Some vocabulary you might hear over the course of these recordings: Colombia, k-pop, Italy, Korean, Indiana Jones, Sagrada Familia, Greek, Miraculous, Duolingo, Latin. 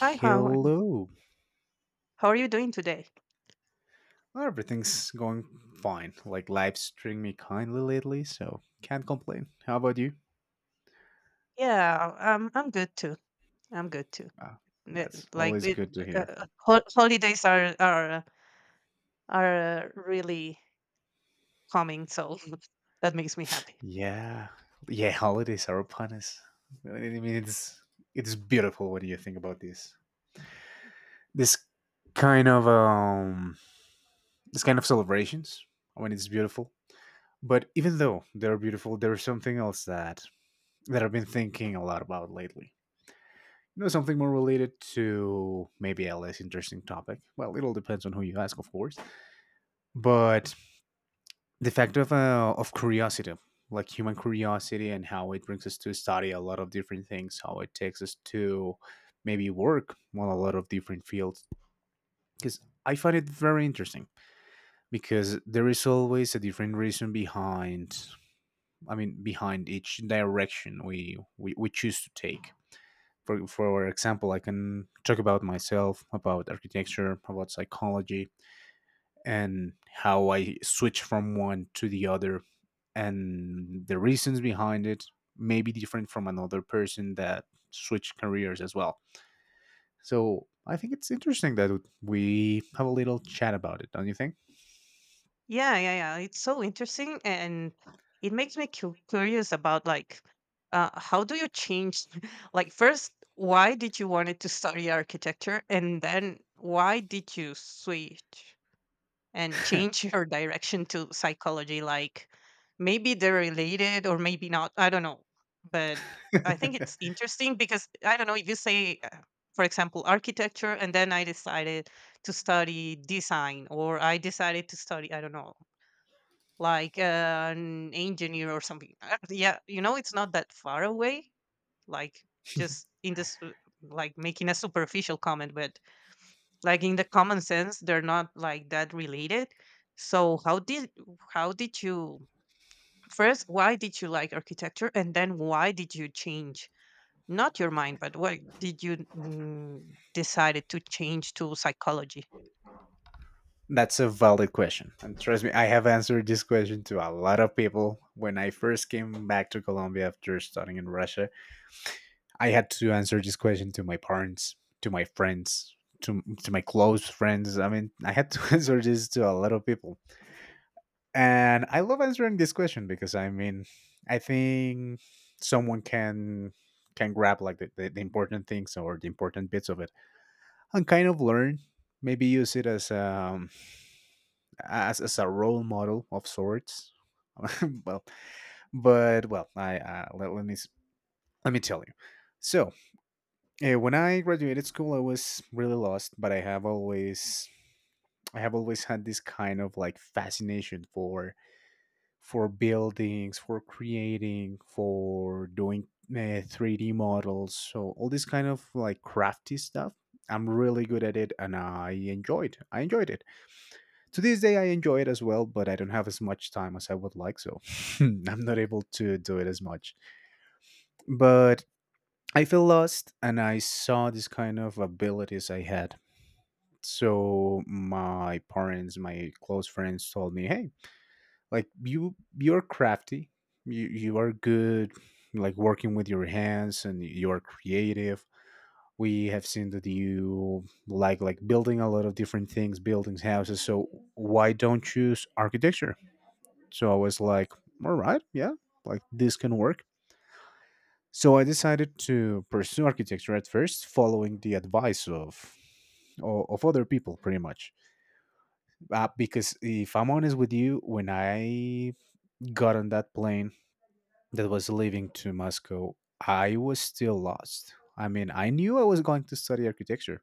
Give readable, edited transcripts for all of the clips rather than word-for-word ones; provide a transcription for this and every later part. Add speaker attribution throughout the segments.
Speaker 1: Hi, Howard. How are you doing today?
Speaker 2: Everything's going fine. Like life's treating me kindly lately, so can't complain. How about you?
Speaker 1: Yeah, I'm good too. I'm good too.
Speaker 2: Ah,
Speaker 1: Uh,
Speaker 2: that's
Speaker 1: Like
Speaker 2: always
Speaker 1: it,
Speaker 2: good to hear.
Speaker 1: hol Holidays are really coming, so that makes me happy.
Speaker 2: Yeah, yeah. Holidays are upon us. I mean, it's beautiful when you think about this. This kind of um, this kind of celebrations. I mean, it's beautiful. But even though they're beautiful, there's something else that I've been thinking a lot about lately. You know, something more related to maybe a less interesting topic. Well, it all depends on who you ask, of course. But the fact of curiosity, like human curiosity, and how it brings us to study a lot of different things, how it takes us to maybe work on a lot of different fields. Because I find it very interesting because there is always a different reason behind. I mean, behind each direction we choose to take. For example, I can talk about myself, about architecture, about psychology, and how I switch from one to the other, and the reasons behind it may be different from another person that switched careers as well. So I think it's interesting that we have a little chat about it, don't you think?
Speaker 1: Yeah, yeah, yeah. It's so interesting, and it makes me cu curious about like how do you change? Like first, why did you wanted to study architecture, and then why did you switch and change your direction to psychology? Like maybe they're related or maybe not, I don't know, but I think it's interesting because I don't know, if you say for example architecture and then I decided to study design, or I decided to study, I don't know, like an engineer or something. Yeah, you know, it's not that far away, like just in this, like making a superficial comment, but like in the common sense they're not like that related. So how did you, first why did you like architecture, and then why did you change, not your mind, but why did you decided to change to psychology?
Speaker 2: That's a valid question. And trust me, I have answered this question to a lot of people when I first came back to Colombia after studying in Russia. I had to answer this question to my parents, to my friends, to my close friends. I mean, I had to answer this to a lot of people, and I love answering this question because I mean, I think someone can grab like the important things or the important bits of it and kind of learn, maybe use it as as a role model of sorts. Well, but well, I let, let me s- let me tell you. So when I graduated school, I was really lost, but I have always had this kind of like fascination for buildings, for creating, for doing 3D models. So all this kind of like crafty stuff. I'm really good at it, and I enjoyed it. To this day, I enjoy it as well, but I don't have as much time as I would like, so I'm not able to do it as much. But I feel lost, and I saw this kind of abilities I had. So my parents, my close friends told me, hey, like you're crafty, you are good, like working with your hands and you are creative. We have seen that you like building a lot of different things, building houses. So why don't you choose architecture? So I was like, all right, yeah, like this can work. So I decided to pursue architecture at first following the advice of of other people pretty much. Because if I'm honest with you, when I got on that plane that was leaving to Moscow, I was still lost. I mean, I knew I was going to study architecture,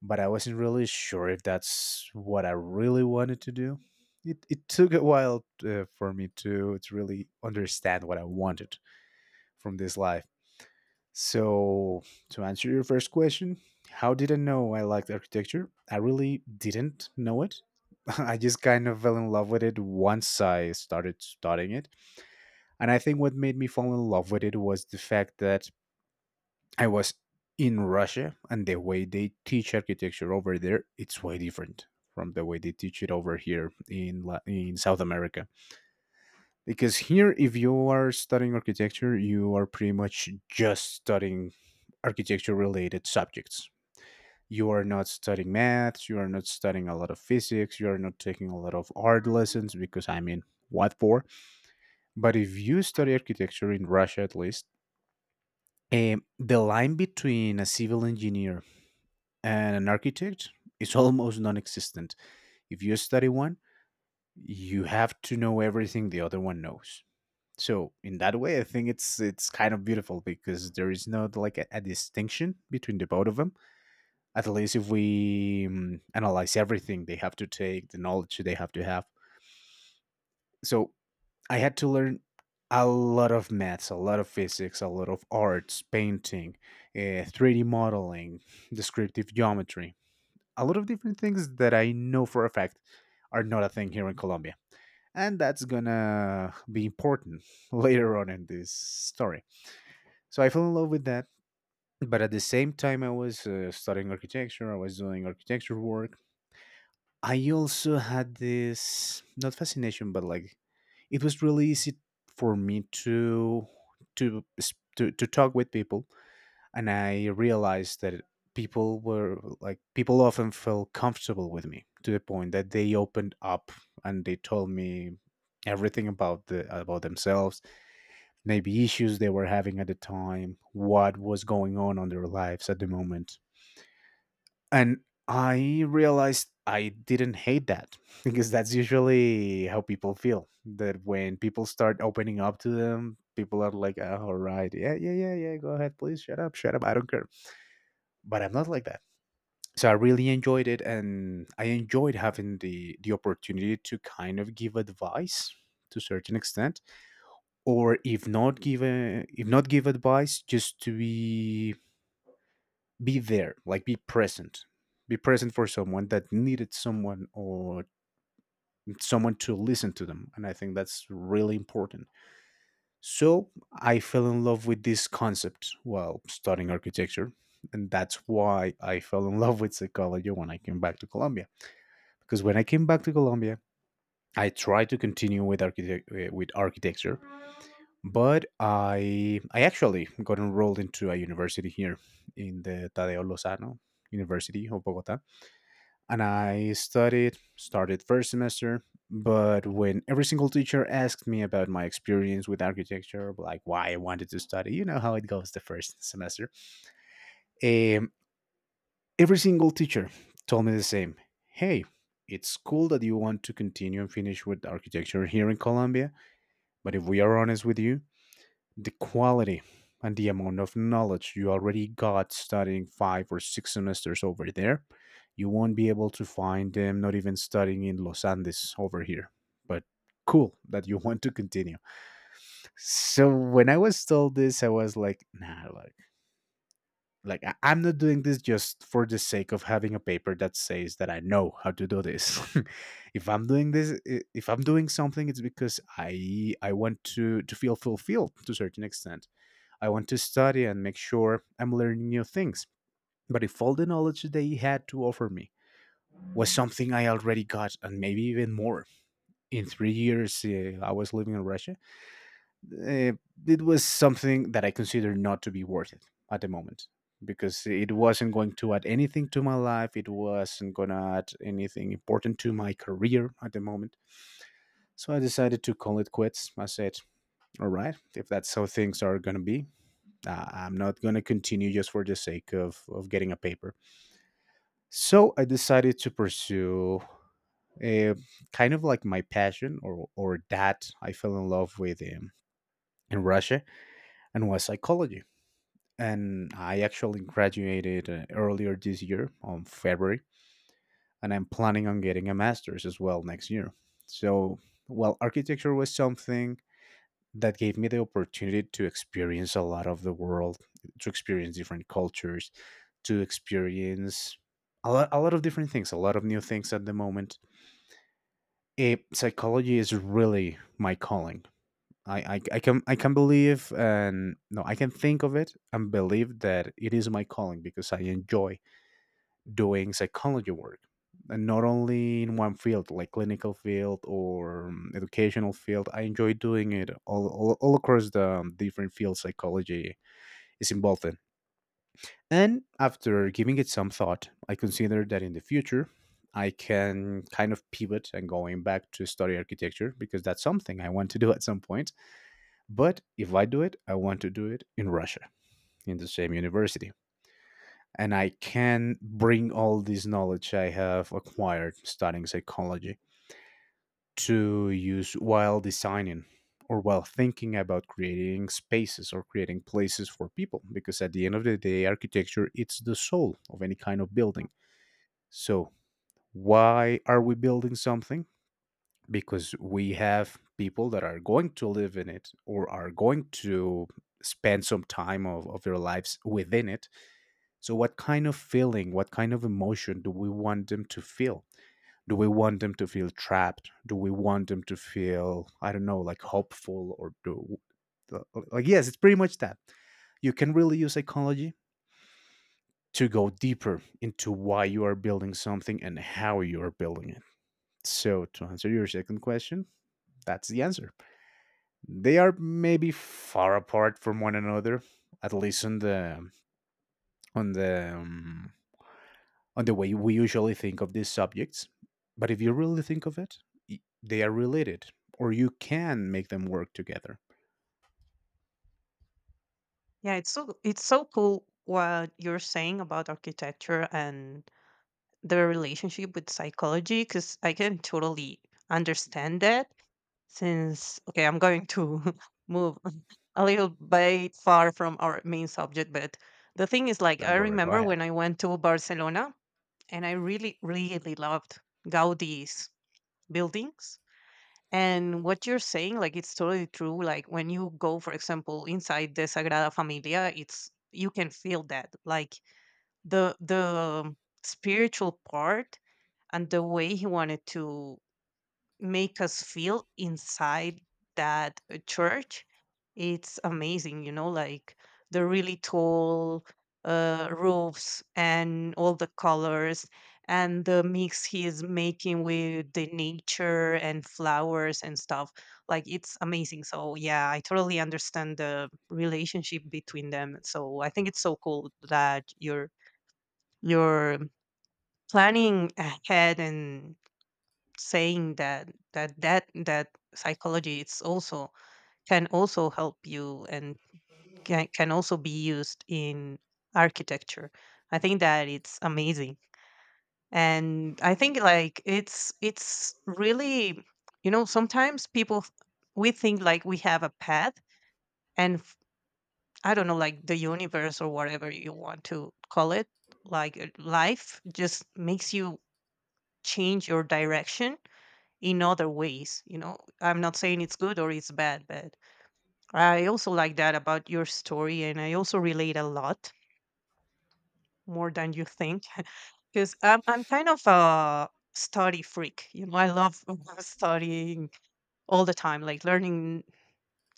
Speaker 2: but I wasn't really sure if that's what I really wanted to do. It took a while for me to really understand what I wanted from this life. So, to answer your first question, how did I know I liked architecture? I really didn't know it. I just kind of fell in love with it once I started studying it. And I think what made me fall in love with it was the fact that I was in Russia and the way they teach architecture over there, it's way different from the way they teach it over here in South America. Because here if you are studying architecture you are pretty much just studying architecture related subjects. You are not studying maths, you are not studying a lot of physics, you are not taking a lot of art lessons because I mean, what for? But if you study architecture in Russia, at least, the line between a civil engineer and an architect is almost non-existent. If you study one, you have to know everything the other one knows. So in that way I think it's kind of beautiful because there is not like a distinction between the both of them, at least if we analyze everything they have to take, the knowledge they have to have. So I had to learn a lot of maths, a lot of physics, a lot of arts, painting, 3D modeling, descriptive geometry, a lot of different things that I know for a fact are not a thing here in Colombia, and that's gonna be important later on in this story. So I fell in love with that. But at the same time, I was studying architecture, I was doing architecture work. I also had this not fascination, but like it was really easy for me to to talk with people, and I realized that people were like people often felt comfortable with me to the point that they opened up and they told me everything about the about themselves, maybe issues they were having at the time, what was going on their lives at the moment. And I realized I didn't hate that because that's usually how people feel that when people start opening up to them, people are like, oh, all right, yeah, yeah, yeah, yeah, go ahead, please, shut up, I don't care. But I'm not like that. So I really enjoyed it, and I enjoyed having the opportunity to kind of give advice to a certain extent, or if not give if not give advice, just to be there, like be present, be present for someone that needed someone, or someone to listen to them, and I think that's really important. So I fell in love with this concept while studying architecture, and that's why I fell in love with psychology when I came back to Colombia. Because when I came back to Colombia, I tried to continue with with architecture. But I actually got enrolled into a university here in the Tadeo Lozano University of Bogota, and I studied started first semester. But when every single teacher asked me about my experience with architecture, like why I wanted to study, you know how it goes the first semester. Um, every single teacher told me the same. Hey, it's cool that you want to continue and finish with architecture here in Colombia, but if we are honest with you, the quality and the amount of knowledge you already got studying five or six semesters over there, you won't be able to find them not even studying in Los Andes over here. But cool that you want to continue. So when I was told this, I was like, nah, like I'm not doing this just for the sake of having a paper that says that I know how to do this. if I'm doing this, I- If I'm doing something, it's because I want to feel fulfilled to a certain extent. I want to study and make sure I'm learning new things. But if all the knowledge they had to offer me was something I already got, and maybe even more, in 3 years I was living in Russia, uh, it was something that I consider not to be worth it at the moment because it wasn't going to add anything to my life. It wasn't going to add anything important to my career at the moment. So I decided to call it quits. I said, all right, if that's how things are going to be, I'm not going to continue just for the sake of getting a paper. So I decided to pursue a, kind of like my passion or that I fell in love with in Russia, and was psychology. And I actually graduated earlier this year on February, and I'm planning on getting a master's as well next year. So, well, architecture was something that gave me the opportunity to experience a lot of the world, to experience different cultures, to experience a lot of different things, a lot of new things at the moment. Eh, psychology is really my calling. I can believe and no I can think of it and believe that it is my calling because I enjoy doing psychology work, and not only in one field like clinical field or educational field. I enjoy doing it all across the different fields psychology is involved in. And after giving it some thought, I consider that in the future I can kind of pivot and going back to study architecture, because that's something I want to do at some point. But if I do it, I want to do it in Russia, in the same university, and I can bring all this knowledge I have acquired studying psychology to use while designing, or while thinking about creating spaces or creating places for people, because at the end of the day, architecture, it's the soul of any kind of building. So why are we building something? Because we have people that are going to live in it, or are going to spend some time of their lives within it. So, what kind of feeling, what kind of emotion do we want them to feel? Do we want them to feel trapped? Do we want them to feel, I don't know, like hopeful, like, yes, it's pretty much that. You can really use psychology to go deeper into why you are building something and how you are building it. So, to answer your second question, that's the answer. They are maybe far apart from one another, at least on the on the um, on the way we usually think of these subjects. But if you really think of it, they are related, or you can make them work together.
Speaker 1: Yeah, it's so cool what you're saying about architecture and the relationship with psychology, because I can totally understand that. Since, okay, I'm going to move a little bit far from our main subject, but the thing is, like,
Speaker 2: Don't
Speaker 1: I
Speaker 2: worry, go
Speaker 1: remember
Speaker 2: ahead.
Speaker 1: when I went to Barcelona, and I really, really loved Gaudi's buildings. And what you're saying, like, it's totally true. Like, when you go, for example, inside the Sagrada Familia, it's, you can feel that, like, the spiritual part and the way he wanted to make us feel inside that church, it's amazing, you know? Like the really tall roofs and all the colors, and the mix he is making with the nature and flowers and stuff, like it's amazing. So yeah, I totally understand the relationship between them. So I think it's so cool that you're planning ahead and saying that psychology it's also, can also help you, and can also be used in architecture. I think that it's amazing. And I think, like, it's really, you know, sometimes we think like we have a path, and f- I don't know, like the universe or whatever you want to call it, like life just makes you change your direction in other ways, you know? I'm not saying it's good or it's bad, but I also like that about your story, and I also relate a lot more than you think. Because I'm kind of a study freak, you know, I love studying all the time, like learning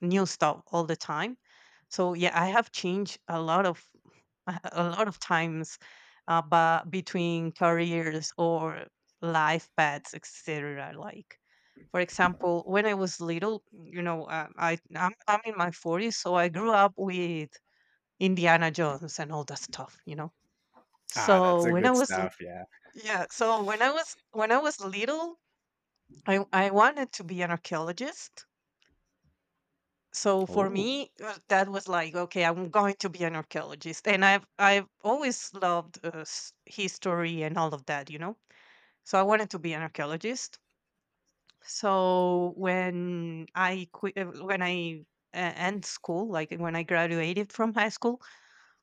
Speaker 1: new stuff all the time. So yeah, I have changed a lot of, a lot of times, but between careers or life paths, etc. Like for example, when I was little, you know, I'm in my 40s, so I grew up with Indiana Jones and all that stuff, you know?
Speaker 2: Ah, that's
Speaker 1: So
Speaker 2: a
Speaker 1: when I
Speaker 2: good
Speaker 1: was l-
Speaker 2: stuff. Yeah.
Speaker 1: yeah, so when I was little, I wanted to be an archaeologist. So for
Speaker 2: Oh.
Speaker 1: me, that was like, okay, I'm going to be an archaeologist. And I've always loved history and all of that, you know? So I wanted to be an archaeologist. So when I end school, like when I graduated from high school,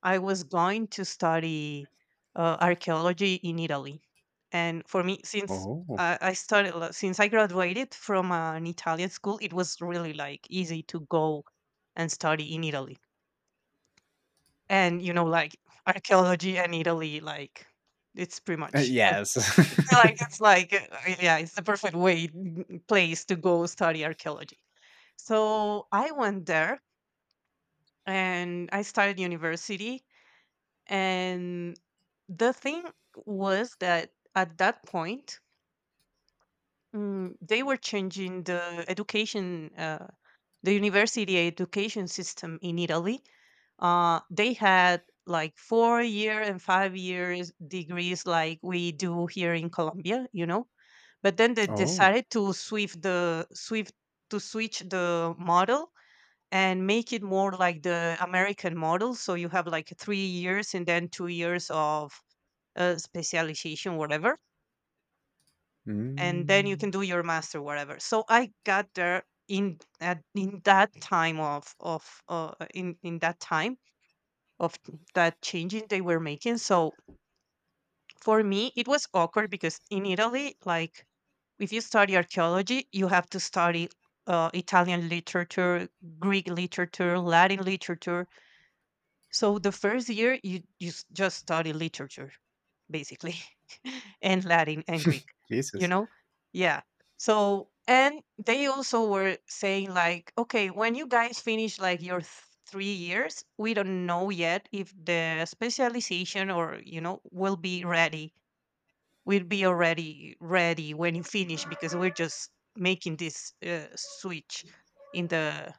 Speaker 1: I was going to study archaeology in Italy. And for me, since
Speaker 2: Oh.
Speaker 1: I started, like since I graduated from an Italian school, it was really like easy to go and study in Italy. And you know, like archaeology and Italy, like it's pretty much
Speaker 2: Yes.
Speaker 1: like it's like yeah, it's the perfect place to go study archaeology. So I went there and I started university. And the thing was that at that point, they were changing the the university education system in Italy. They had like 4 year and 5 years degrees, like we do here in Colombia, you know. But then they
Speaker 2: oh.
Speaker 1: decided to swift the swift to switch the model and make it more like the American model. So you have like 3 years, and then 2 years of specialization, whatever, and then you
Speaker 2: Mm.
Speaker 1: can do your master, whatever. So I got there in that time of in that time of that changing they were making. So for me, it was awkward because in Italy, like if you study archaeology, you have to study Italian literature, Greek literature, Latin literature. So the first year you just study literature, basically, and Latin and Greek. You
Speaker 2: Jesus.
Speaker 1: know, yeah. So, and they also were saying like, okay, when you guys finish like 3 years, we don't know yet if the specialization, or you know, will be ready. Will be already ready when you finish, because we're just making this switch in the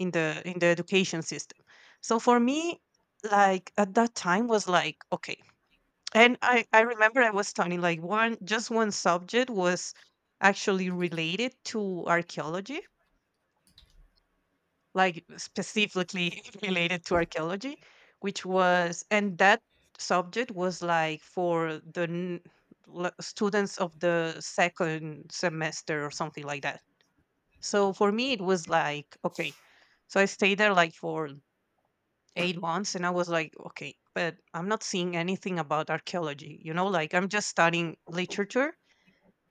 Speaker 1: in the in the education system. So for me, like at that time was like, okay. And I remember I was studying, like, one just one subject was actually related to archaeology, like specifically related to archaeology, which was, and that subject was like for the students of the second semester or something like that. So for me it was like, okay. So I stayed there like for 8 months, and I was like, okay, but I'm not seeing anything about archaeology, you know, like I'm just studying literature.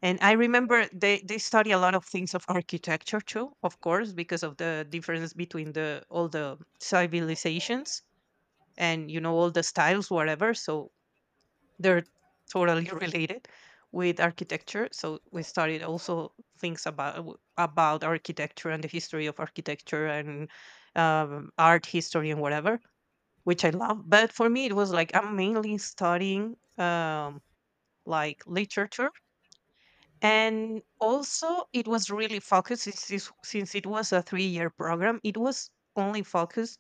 Speaker 1: And I remember they study a lot of things of architecture too, of course, because of the difference between the all the civilizations, and you know, all the styles, whatever. So they're totally related with architecture, so we studied also things about architecture and the history of architecture and art history and whatever, which I love. But for me, it was like I'm mainly studying like literature. And also it was really focused, since since it was a 3 year program, it was only focused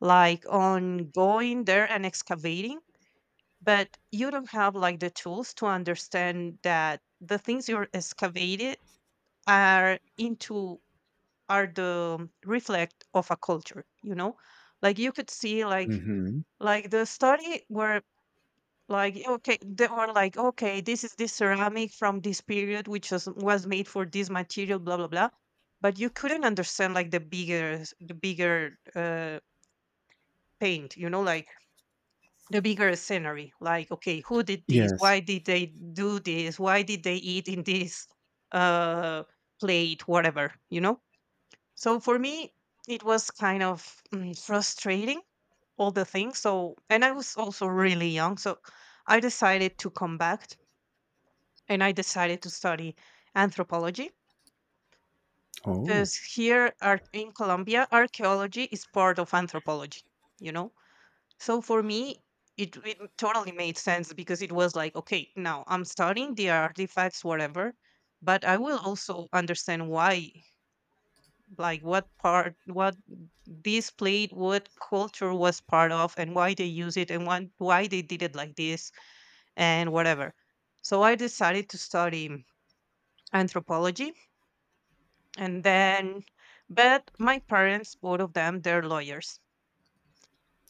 Speaker 1: like on going there and excavating, but you don't have like the tools to understand that the things you're excavated are into are the reflect of a culture. You know, like you could see
Speaker 2: Hmm.
Speaker 1: like the study where, like, okay, they were like, okay, this is this ceramic from this period, which was made for this material, blah blah blah. But you couldn't understand like the bigger paint, you know, like the bigger scenery. Like, okay, who did this?
Speaker 2: Yes.
Speaker 1: Why did they do this? Why did they eat in this uh, plate? Whatever, you know. So for me, it was kind of frustrating all the things. So, and I was also really young, so I decided to come back. And I decided to study anthropology,
Speaker 2: Oh.
Speaker 1: because here in Colombia, archaeology is part of anthropology, you know? So for me, it totally made sense, because it was like, okay, now I'm studying the artifacts, whatever, but I will also understand why, like what part, what this played, what culture was part of, and why they use it, and why they did it like this, and whatever. So I decided to study anthropology. And then, but my parents, both of them, they're lawyers.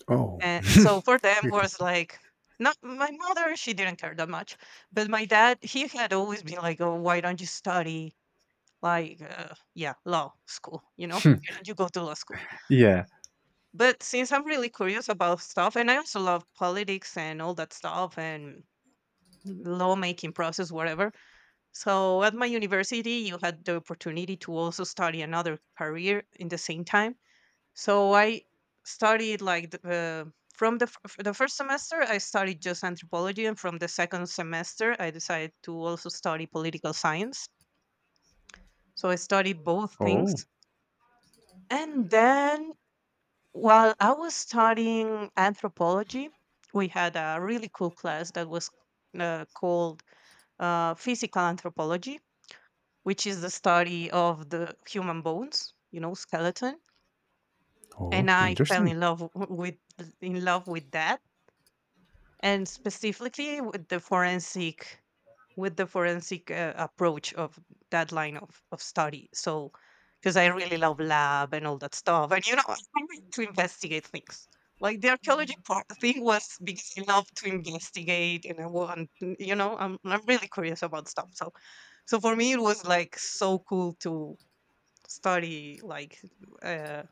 Speaker 2: Oh.
Speaker 1: And so for them was like, not my mother, she didn't care that much, but my dad, he had always been like, oh, why don't you study, like, yeah, law school, you know, why don't you go to law school?
Speaker 2: yeah.
Speaker 1: But since I'm really curious about stuff, and I also love politics and all that stuff, and lawmaking process, whatever, so at my university you had the opportunity to also study another career in the same time. So I studied like the, the first semester I studied just anthropology, and from the second semester I decided to also study political science. So I studied both
Speaker 2: Oh.
Speaker 1: things, and then while I was studying anthropology, we had a really cool class that was called physical anthropology, which is the study of the human bones, you know, skeleton.
Speaker 2: Oh.
Speaker 1: And I fell
Speaker 2: Interesting.
Speaker 1: in love with that, and specifically with the forensic approach of that line of study. So, because I really love lab and all that stuff, and I like to investigate things, like the archaeology part thing was because I love to investigate, and I want mm, you know I'm really curious about stuff. So for me it was like so cool to study, uh,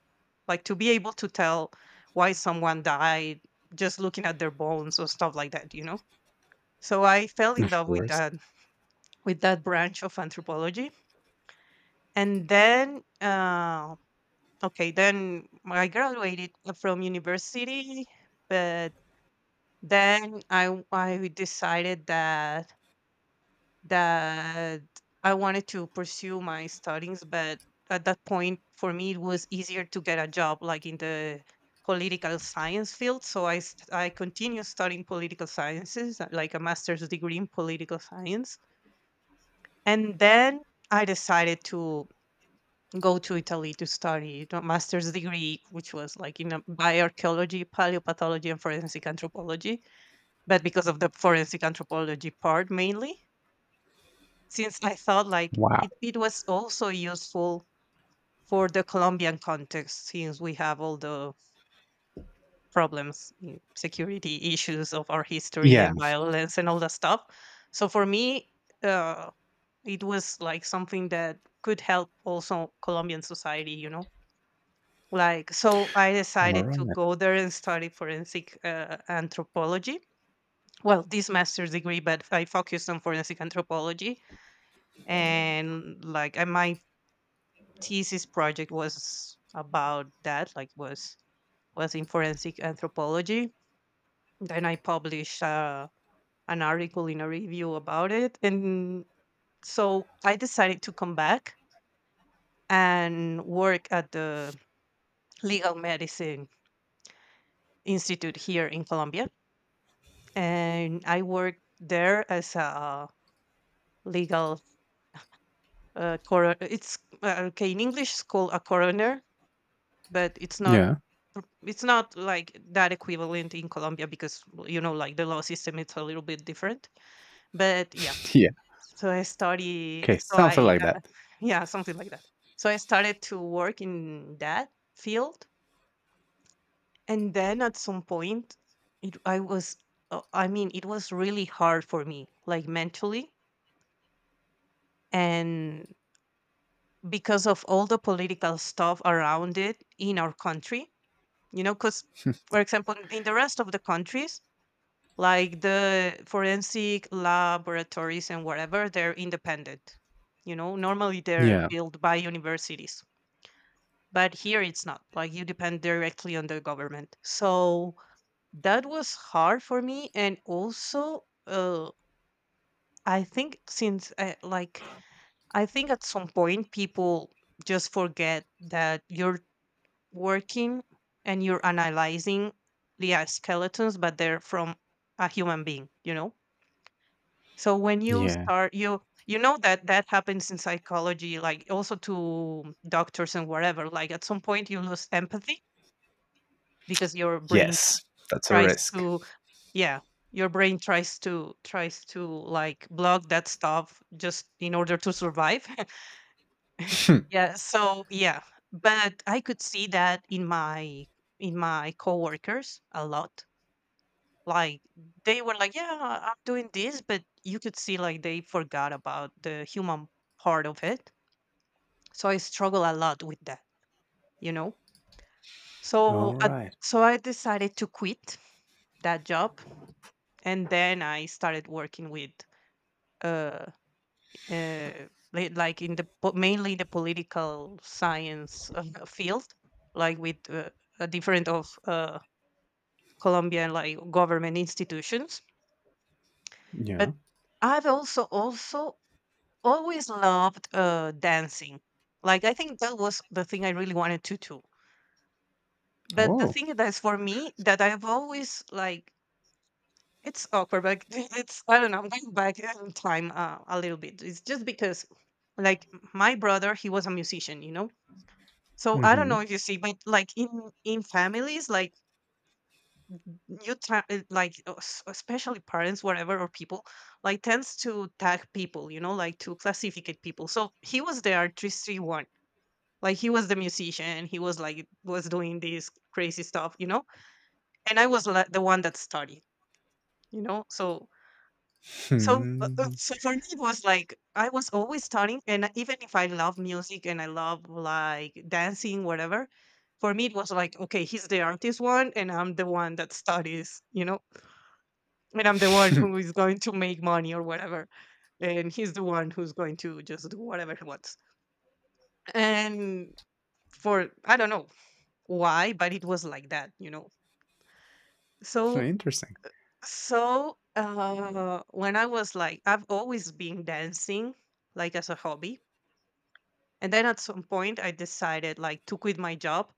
Speaker 1: like to be able to tell why someone died just looking at their bones or stuff like that. So I fell in
Speaker 2: Of
Speaker 1: love with
Speaker 2: course.
Speaker 1: that with that branch of anthropology. And then, okay then I graduated from university. But then I decided that I wanted to pursue my studies, but at that point, for me, it was easier to get a job like in the political science field. So I continued studying political sciences, like a master's degree in political science. And then I decided to go to Italy to study a master's degree, which was like in bioarchaeology, paleopathology, and forensic anthropology, but because of the forensic anthropology part mainly, since I felt like
Speaker 2: Wow.
Speaker 1: it was also useful for the Colombian context, since we have all the problems, you know, security issues of our history
Speaker 2: Yeah.
Speaker 1: and violence and all that stuff. So for me, uh, it was like something that could help also Colombian society, you know? Like, so I
Speaker 2: All
Speaker 1: decided to
Speaker 2: right.
Speaker 1: go there and study forensic anthropology. Well, this master's degree, but I focused on forensic anthropology, and like my thesis project was about that, like, was in forensic anthropology. Then I published an article in a review about it, and so I decided to come back and work at the legal medicine institute here in Colombia. And I worked there as a legal coroner. It's okay, in English it's called a coroner, but it's not
Speaker 2: Yeah.
Speaker 1: pr- it's not like that equivalent in Colombia because, well, you know, like the law system, it's a little bit different. But yeah.
Speaker 2: Yeah.
Speaker 1: So I
Speaker 2: Okay. Something like that.
Speaker 1: yeah, something like that. So I started to work in that field. And then at some point, it I was, I mean, it was really hard for me, like, mentally, and because of all the political stuff around it in our country, you know. Cuz for example, in the rest of the countries, like the forensic laboratories and whatever, they're independent, you know, normally they're
Speaker 2: Yeah.
Speaker 1: built by universities. But here it's not, like, you depend directly on the government. So that was hard for me, and also, I think since I, like I think at some point people just forget that you're working and you're analyzing the skeletons, but they're from a human being, you know. So when you
Speaker 2: Yeah.
Speaker 1: start, you know that that happens in psychology, like also to doctors and whatever. Like at some point, you lose empathy because your brain
Speaker 2: Yes, that's a
Speaker 1: tries
Speaker 2: risk.
Speaker 1: to, yeah, your brain tries to, like, block that stuff just in order to survive. Yeah. So yeah, but I could see that in my coworkers a lot. Like, they were like, "Yeah, I'm doing this," but you could see, like, they forgot about the human part of it. So I struggle a lot with that, you know?
Speaker 2: All
Speaker 1: So I
Speaker 2: right.
Speaker 1: so I decided to quit that job, and then I started working with, uh uh, li like, in the po mainly in the political science, field, like, with, a different of, Colombian, like, government institutions.
Speaker 2: Yeah.
Speaker 1: But I've also always loved dancing. Like, I think that was the thing I really wanted to do. But the
Speaker 2: Oh.
Speaker 1: thing that's for me that I've always like, it's awkward, like, it's, I don't know, I'm going back in time a little bit. It's just because, like, my brother, he was a musician, you know. So I don't
Speaker 2: Mm-hmm.
Speaker 1: know if you see, but like, in families, like, you tra- like s- especially parents, whatever, or people, like, tends to tag people, you know, like, to classificate people. So he was the R 361, like, he was the musician, he was like, was doing this crazy stuff. And I was like the one that studied. So So for me it was like, I was always studying, and even if I love music and I love, like, dancing, whatever, for me it was like, okay, he's the artist one and I'm the one that studies, and I'm the one who is going to make money or whatever, and he's the one who's going to just do whatever he wants. And, for, I don't know why, but it was like that. So
Speaker 2: Interesting.
Speaker 1: so, when I was like, I've always been dancing, like, as a hobby. And then at some point I decided, like, to quit my job,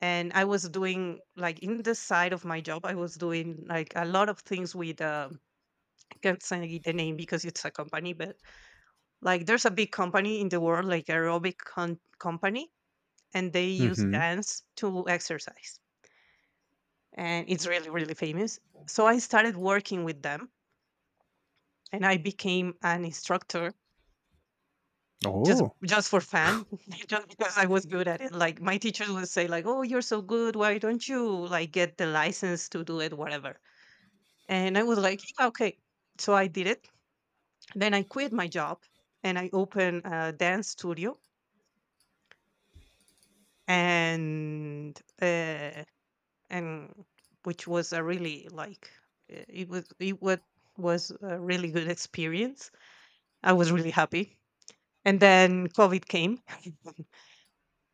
Speaker 1: and I was doing, like, in the side of my job, I was doing, like, a lot of things with, I can't say the name because it's a company, but like, there's a big company in the world, like, aerobic company, and they use
Speaker 2: Mm-hmm.
Speaker 1: dance to exercise, and it's really, really famous. So I started working with them, and I became an instructor, just
Speaker 2: Oh.
Speaker 1: just for fun, just because I was good at it. Like my teachers would say, like, "Oh, you're so good. Why don't you, like, get the license to do it, whatever?" And I was like, "Yeah, okay." So I did it. Then I quit my job and I opened a dance studio, and uh, and, which was a really, like, it was a really good experience. I was really happy. And then COVID came.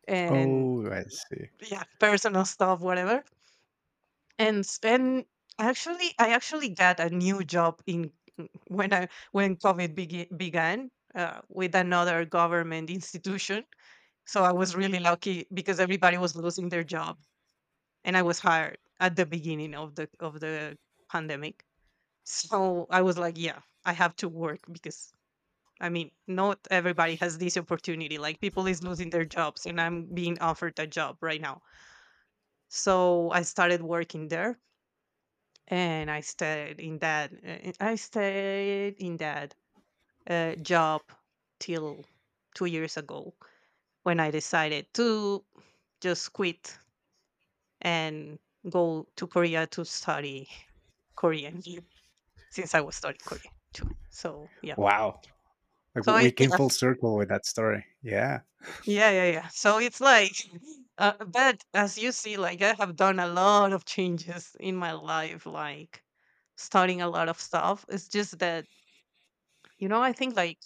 Speaker 1: And,
Speaker 2: Oh, I see.
Speaker 1: yeah, personal stuff, whatever. And I actually got a new job in mm, when I when COVID began, with another government institution. So I was really lucky because everybody was losing their job, and I was hired at the beginning of the pandemic. So I was like, yeah, I have to work, because, I mean, not everybody has this opportunity. Like, people is losing their jobs, and I'm being offered a job right now. So I started working there, and I stayed in that job till 2 years ago, when I decided to just quit and go to Korea to study Korean, since I was studying Korean too. So yeah.
Speaker 2: Wow. Like
Speaker 1: So
Speaker 2: we
Speaker 1: it-
Speaker 2: came
Speaker 1: yeah,
Speaker 2: full circle with that story. Yeah.
Speaker 1: yeah, yeah, yeah. So it's like, but as you see, like, I have done a lot of changes in my life, like, starting a lot of stuff. It's just that, you know, I think, like,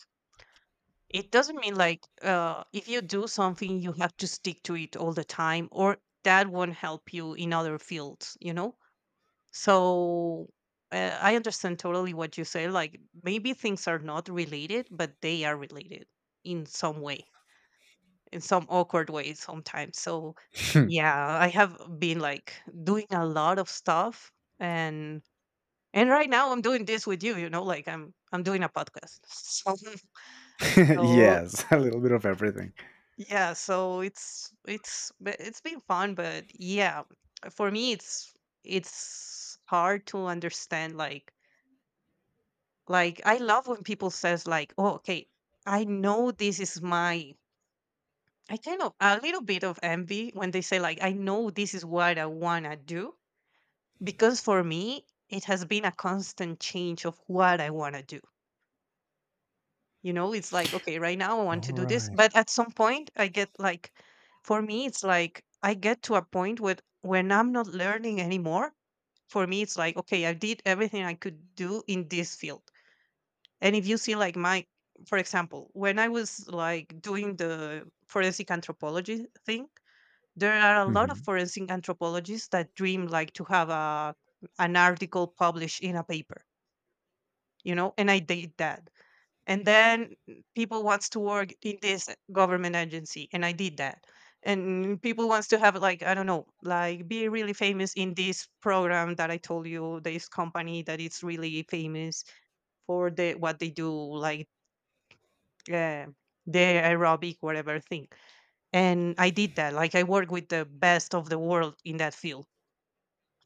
Speaker 1: it doesn't mean, like, if you do something, you have to stick to it all the time, or that won't help you in other fields, you know? So, I understand totally what you say. Like, maybe things are not related, but they are related in some way, in some awkward way sometimes. So yeah, I have been, like, doing a lot of stuff, and and right now I'm doing this with you, you know, like, I'm doing a podcast. So,
Speaker 2: yes. A little bit of everything.
Speaker 1: yeah, so it's but it's been fun, but yeah, for me it's hard to understand, like I love when people says, like, "Oh, okay, I know this is my..." I kind of a little bit of envy when they say, like, "I know this is what I wanna do," because for me it has been a constant change of what I wanna do. You know, it's like, okay, right now I want
Speaker 2: All
Speaker 1: to do this,
Speaker 2: right.
Speaker 1: but at some point I get like, for me it's like, I get to a point with, when I'm not learning anymore. For me it's like, okay, I did everything I could do in this field. And if you see, like, my... for example, when I was, like, doing the forensic anthropology thing, there are a lot of
Speaker 2: Mhm.
Speaker 1: forensic anthropologists that dream, like, to have a an article published in a paper, you know, and I did that. And then people wants to work in this government agency, and I did that. And people wants to have, like, I don't know, like, be really famous in this program that I told you, this company that is really famous for the what they do, like, uh, the aerobic whatever thing, and I did that, like, I work with the best of the world in that field,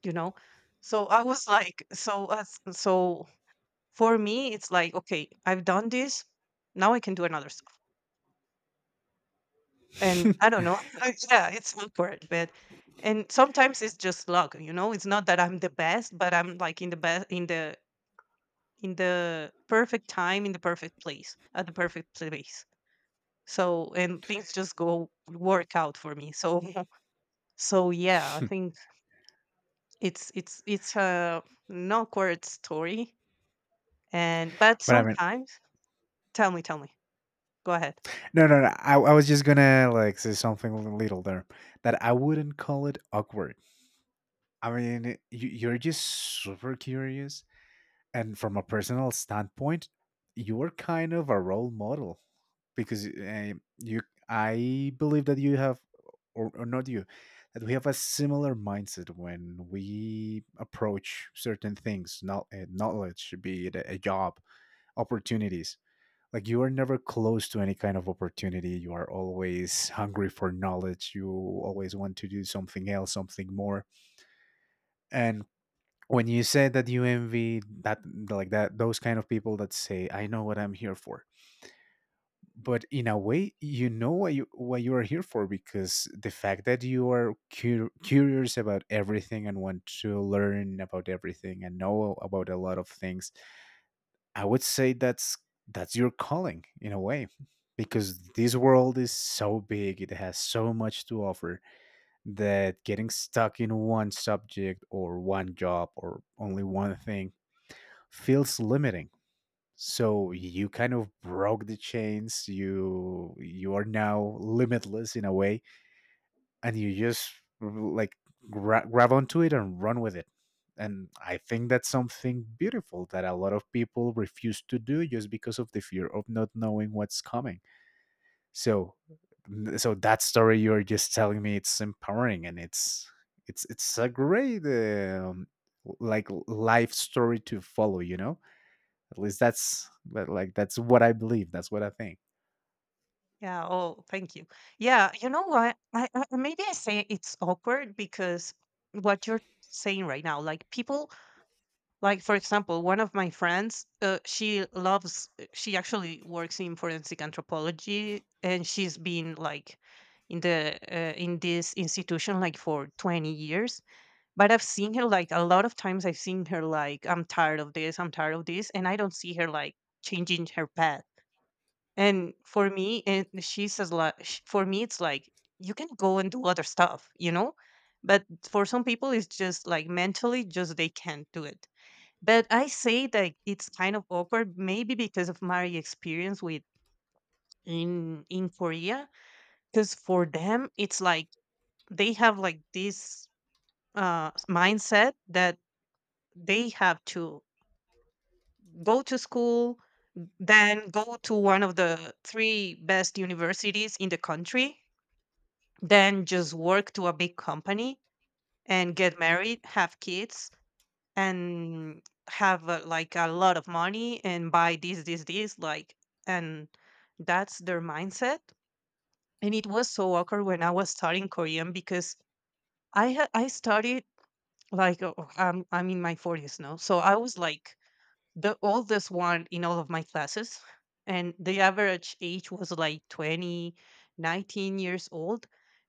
Speaker 1: you know. So I was like, so, as so for me it's like, okay, I've done this, now I can do another stuff, and I don't know. Yeah, it's awkward, but, and sometimes it's just luck, you know, it's not that I'm the best, but I'm like in the best, in the perfect time, in the perfect place at the perfect place. So, and things just go work out for me, so. So yeah, I think it's a an awkward story, and but
Speaker 2: but I mean,
Speaker 1: sometimes... Tell me, tell me. Go ahead.
Speaker 2: no, no, no. I was just gonna like say something a little there that I wouldn't call it awkward. I mean, you're just super curious, and from a personal standpoint, you are kind of a role model because you. I believe that you have, or not you, that we have a similar mindset when we approach certain things, not knowledge, be it a job, opportunities. Like you are never close to any kind of opportunity. You are always hungry for knowledge. You always want to do something else, something more. And when you say that you envy that, like that those kind of people that say I know what I'm here for, but in a way you know what you are here for, because the fact that you are curious about everything and want to learn about everything and know about a lot of things, I would say that's your calling in a way, because this world is so big, it has so much to offer, that getting stuck in one subject or one job or only one thing feels limiting. So you kind of broke the chains. You are now limitless in a way, and you just like grab onto it and run with it. And I think that's something beautiful that a lot of people refuse to do just because of the fear of not knowing what's coming. So, so that story you're just telling me, it's empowering, and it's it's a great like life story to follow. You know. At least that's, but, like that's what I believe. That's what I think.
Speaker 1: Yeah. Oh, thank you. Yeah. You know what? I maybe I say it's awkward because what you're saying right now, like, people, like, for example, one of my friends, she loves. She actually works in forensic anthropology, and she's been like in the in this institution like for 20 years, but I've seen her like a lot of times. I've seen her like, I'm tired of this, I'm tired of this, and I don't see her like changing her path. And for me, and she says, like, for me, it's like you can go and do other stuff, you know. But for some people, it's just like mentally, just they can't do it. But I say that it's kind of awkward, maybe because of my experience with in Korea, because for them, it's like they have like this mindset that they have to go to school, then go to one of the three best universities in the country, than just work to a big company and get married, have kids, and have like a lot of money and buy this, this, this. Like, and that's their mindset. And it was so awkward when I was studying Korean because I studied like I'm in my 40s now, so I was like the oldest one in all of my classes, and the average age was like 20, 19 years old.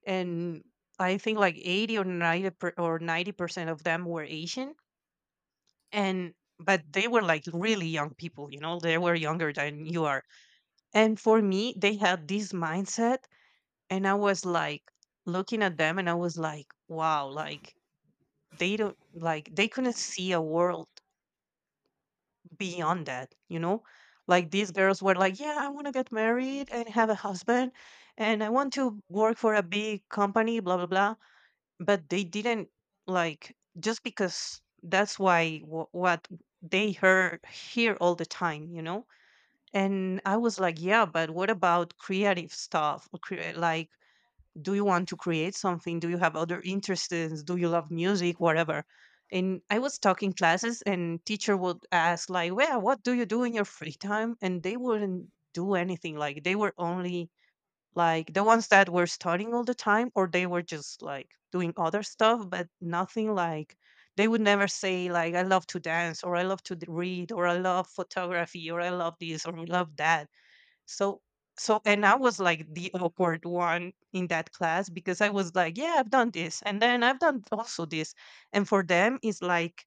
Speaker 1: And I think like 80 or 90% of them were Asian. And but they were like really young people, you know, they were younger than you are. And for me, they had this mindset, and I was like looking at them, and I was like, wow, like they don't like, they couldn't see a world beyond that, you know? Like these girls were like, yeah, I want to get married and have a husband and I want to work for a big company, blah, blah, blah. But they didn't, like, just because that's why what they hear all the time, you know? And I was like, yeah, but what about creative stuff? Like, do you want to create something? Do you have other interests? Do you love music? Whatever. And I was talking classes and teacher would ask like, well, what do you do in your free time? And they wouldn't do anything. Like they were only like the ones that were studying all the time, or they were just like doing other stuff, but nothing like they would never say like I love to dance or I love to read or I love photography or I love this or I love that. So, so, and I was like the awkward one in that class because I was like, yeah, I've done this and then I've done also this. And for them it's like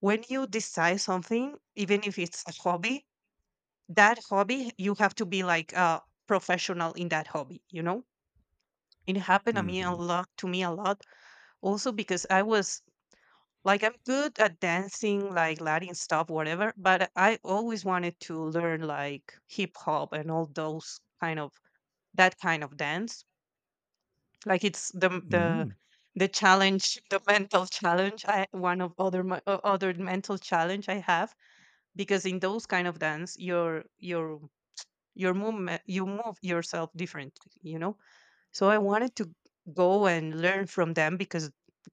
Speaker 1: when you decide something, even if it's a hobby, that hobby you have to be like a professional in that hobby, you know? It happened to me a
Speaker 2: Mm-hmm.
Speaker 1: lot, also because I was like, I'm good at dancing, like Latin stuff, whatever, but I always wanted to learn like hip hop and all those kind of, that kind of dance, like it's the
Speaker 2: Mm.
Speaker 1: the challenge, the mental challenge. I one of other my, o- other mental challenge I have, because in those kind of dance your movement, you move yourself differently, you know. So I wanted to go and learn from them because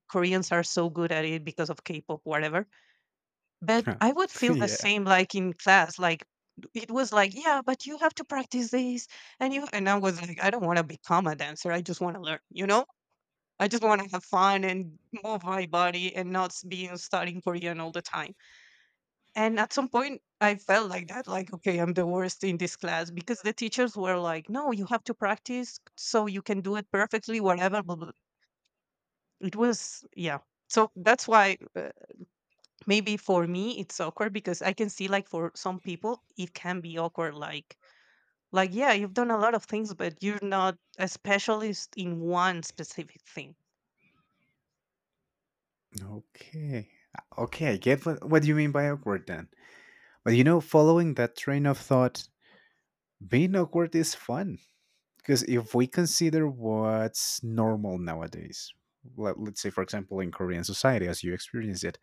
Speaker 1: Koreans are so good at it because of K-pop, whatever. But
Speaker 2: Huh.
Speaker 1: I would feel the
Speaker 2: yeah.
Speaker 1: same like in class, like it was like, yeah, but you have to practice this. And you and I was like, I don't want to become a dancer. I just want to learn, you know? I just want to have fun and move my body and not be studying Korean all the time. And at some point I felt like that, like, okay, I'm the worst in this class, because the teachers were like, no, you have to practice so you can do it perfectly, whatever. Blah, blah. It was, yeah. So that's why maybe for me it's awkward, because I can see like for some people it can be awkward, like, yeah, you've done a lot of things, but you're not a specialist in one specific thing.
Speaker 2: Okay. Okay, I get what you mean by awkward then. But you know, following that train of thought, being awkward is fun, because if we consider what's normal nowadays, let's say, for example, in Korean society as you experience it,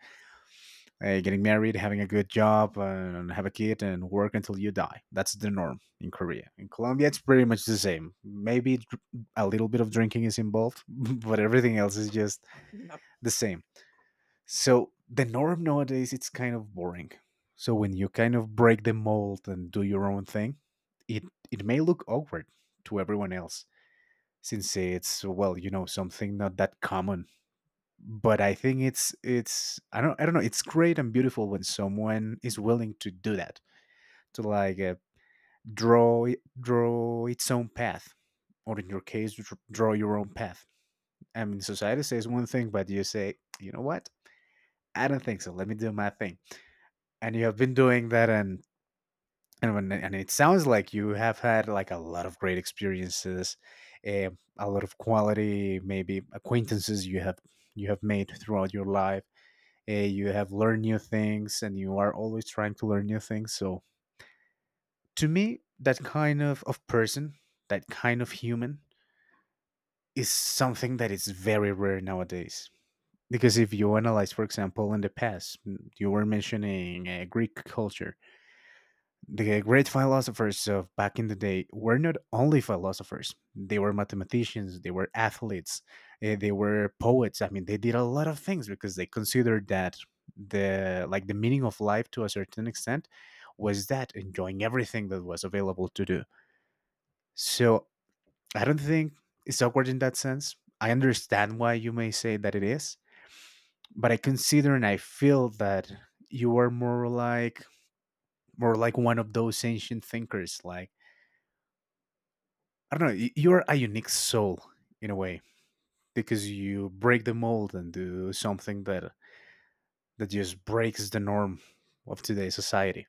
Speaker 2: getting married, having a good job, and have a kid, and work until you die. That's the norm in Korea. In Colombia, it's pretty much the same. Maybe a little bit of drinking is involved, but everything else is just
Speaker 1: Yeah,
Speaker 2: the same. So the norm nowadays, it's kind of boring. So when you kind of break the mold and do your own thing, it it may look awkward to everyone else, since it's, well, you know, something not that common. But I think it's I don't know, it's great and beautiful when someone is willing to do that, to like draw its own path, or in your case draw your own path. I mean, society says one thing, but you say, you know what, I don't think so, let me do my thing. And you have been doing that, and and it sounds like you have had like a lot of great experiences, eh, a lot of quality maybe acquaintances you have made throughout your life. You have learned new things, and you are always trying to learn new things. So to me, that kind of person, that kind of human, is something that is very rare nowadays. Because if you analyze, for example, in the past, you were mentioning Greek culture, the great philosophers of back in the day were not only philosophers, they were mathematicians, they were athletes, they were poets. I mean, they did a lot of things because they considered that the like the meaning of life, to a certain extent, was that enjoying everything that was available to do. So I don't think it's awkward in that sense. I understand why you may say that it is, but I consider and I feel that you are more like, one of those ancient thinkers. Like, I don't know. You're a unique soul in a way, because you break the mold and do something that just breaks the norm of today's society.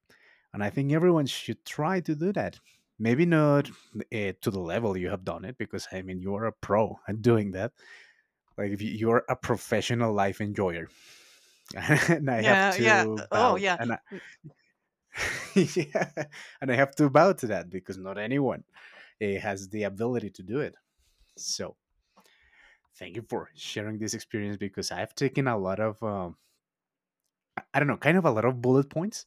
Speaker 2: And I think everyone should try to do that. Maybe not to the level you have done it, because I mean, you are a pro at doing that. Like, if you're a professional life enjoyer, and I have
Speaker 1: yeah, yeah.
Speaker 2: to
Speaker 1: Oh,
Speaker 2: bow
Speaker 1: yeah.
Speaker 2: and I, yeah, and I have to bow to that because not anyone has the ability to do it. So thank you for sharing this experience, because I've taken a lot of, I don't know, kind of a lot of bullet points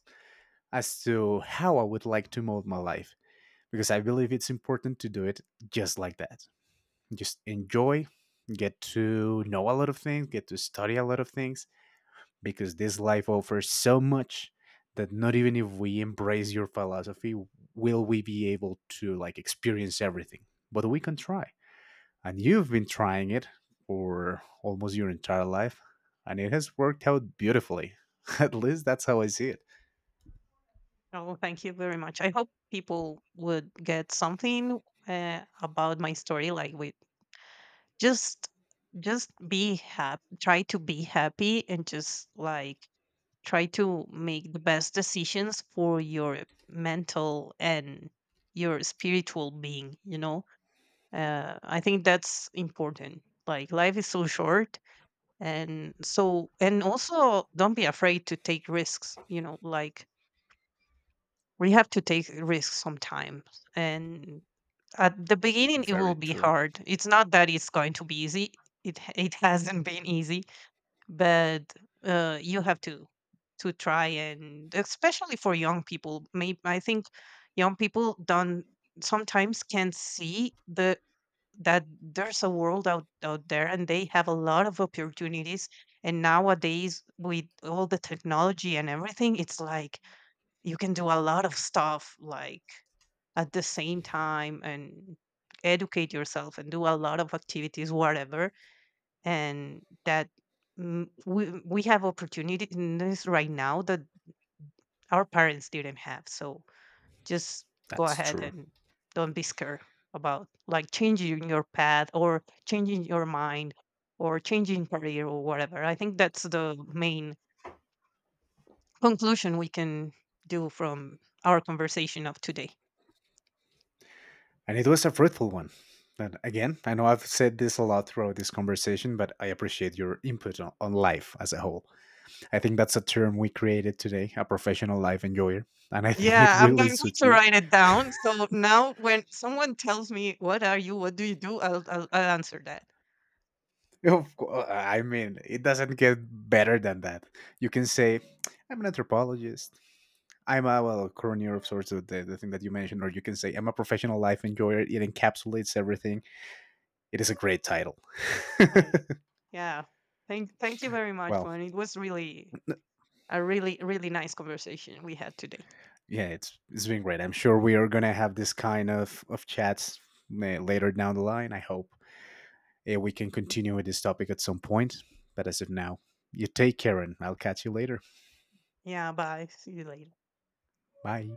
Speaker 2: as to how I would like to mold my life, because I believe it's important to do it just like that. Just enjoy, get to know a lot of things, get to study a lot of things, because this life offers so much that not even if we embrace your philosophy will we be able to like experience everything, but we can try. And you've been trying it for almost your entire life, and it has worked out beautifully. At least that's how I see it.
Speaker 1: Oh, thank you very much. I hope people would get something about my story, like with, just just be happy, try to be happy, and just like try to make the best decisions for your mental and your spiritual being, you know. I think that's important. Like life is so short, and so, and also don't be afraid to take risks, you know, like we have to take risks sometimes. And at the beginning it will
Speaker 2: Very
Speaker 1: be
Speaker 2: true.
Speaker 1: hard, it's not that it's going to be easy. It hasn't been easy, but you have to try. And especially for young people, maybe I think young people don't, sometimes can't see the, that there's a world out there, and they have a lot of opportunities. And nowadays with all the technology and everything, it's like you can do a lot of stuff, like at the same time, and educate yourself and do a lot of activities, whatever. And that, we have opportunities right now that our parents didn't have. So, just go
Speaker 2: That's
Speaker 1: ahead
Speaker 2: true.
Speaker 1: and don't be scared about like changing your path or changing your mind or changing career or whatever. I think that's the main conclusion we can do from our conversation of today.
Speaker 2: And it was a fruitful one. And again, I know I've said this a lot throughout this conversation, but I appreciate your input on life as a whole. I think that's a term we created today, a professional life enjoyer. And I think it
Speaker 1: Yeah, I'm
Speaker 2: really
Speaker 1: going
Speaker 2: suits
Speaker 1: to
Speaker 2: you.
Speaker 1: write it down. So now when someone tells me, what are you? What do you do? I'll answer that.
Speaker 2: Of course. I mean, it doesn't get better than that. You can say, I'm an anthropologist. I'm a, well, coroner of sorts of the thing that you mentioned, or you can say, I'm a professional life enjoyer. It encapsulates everything. It is a great title.
Speaker 1: Right. Yeah. Thank you very much,
Speaker 2: well,
Speaker 1: Juan. It was really a really, really nice conversation we had today.
Speaker 2: yeah, it's been great. I'm sure we are gonna have this kind of chats, later down the line. I hope, we can continue with this topic at some point. But as of now, you take care, and I'll catch you later.
Speaker 1: Yeah, bye. See you later.
Speaker 2: Bye.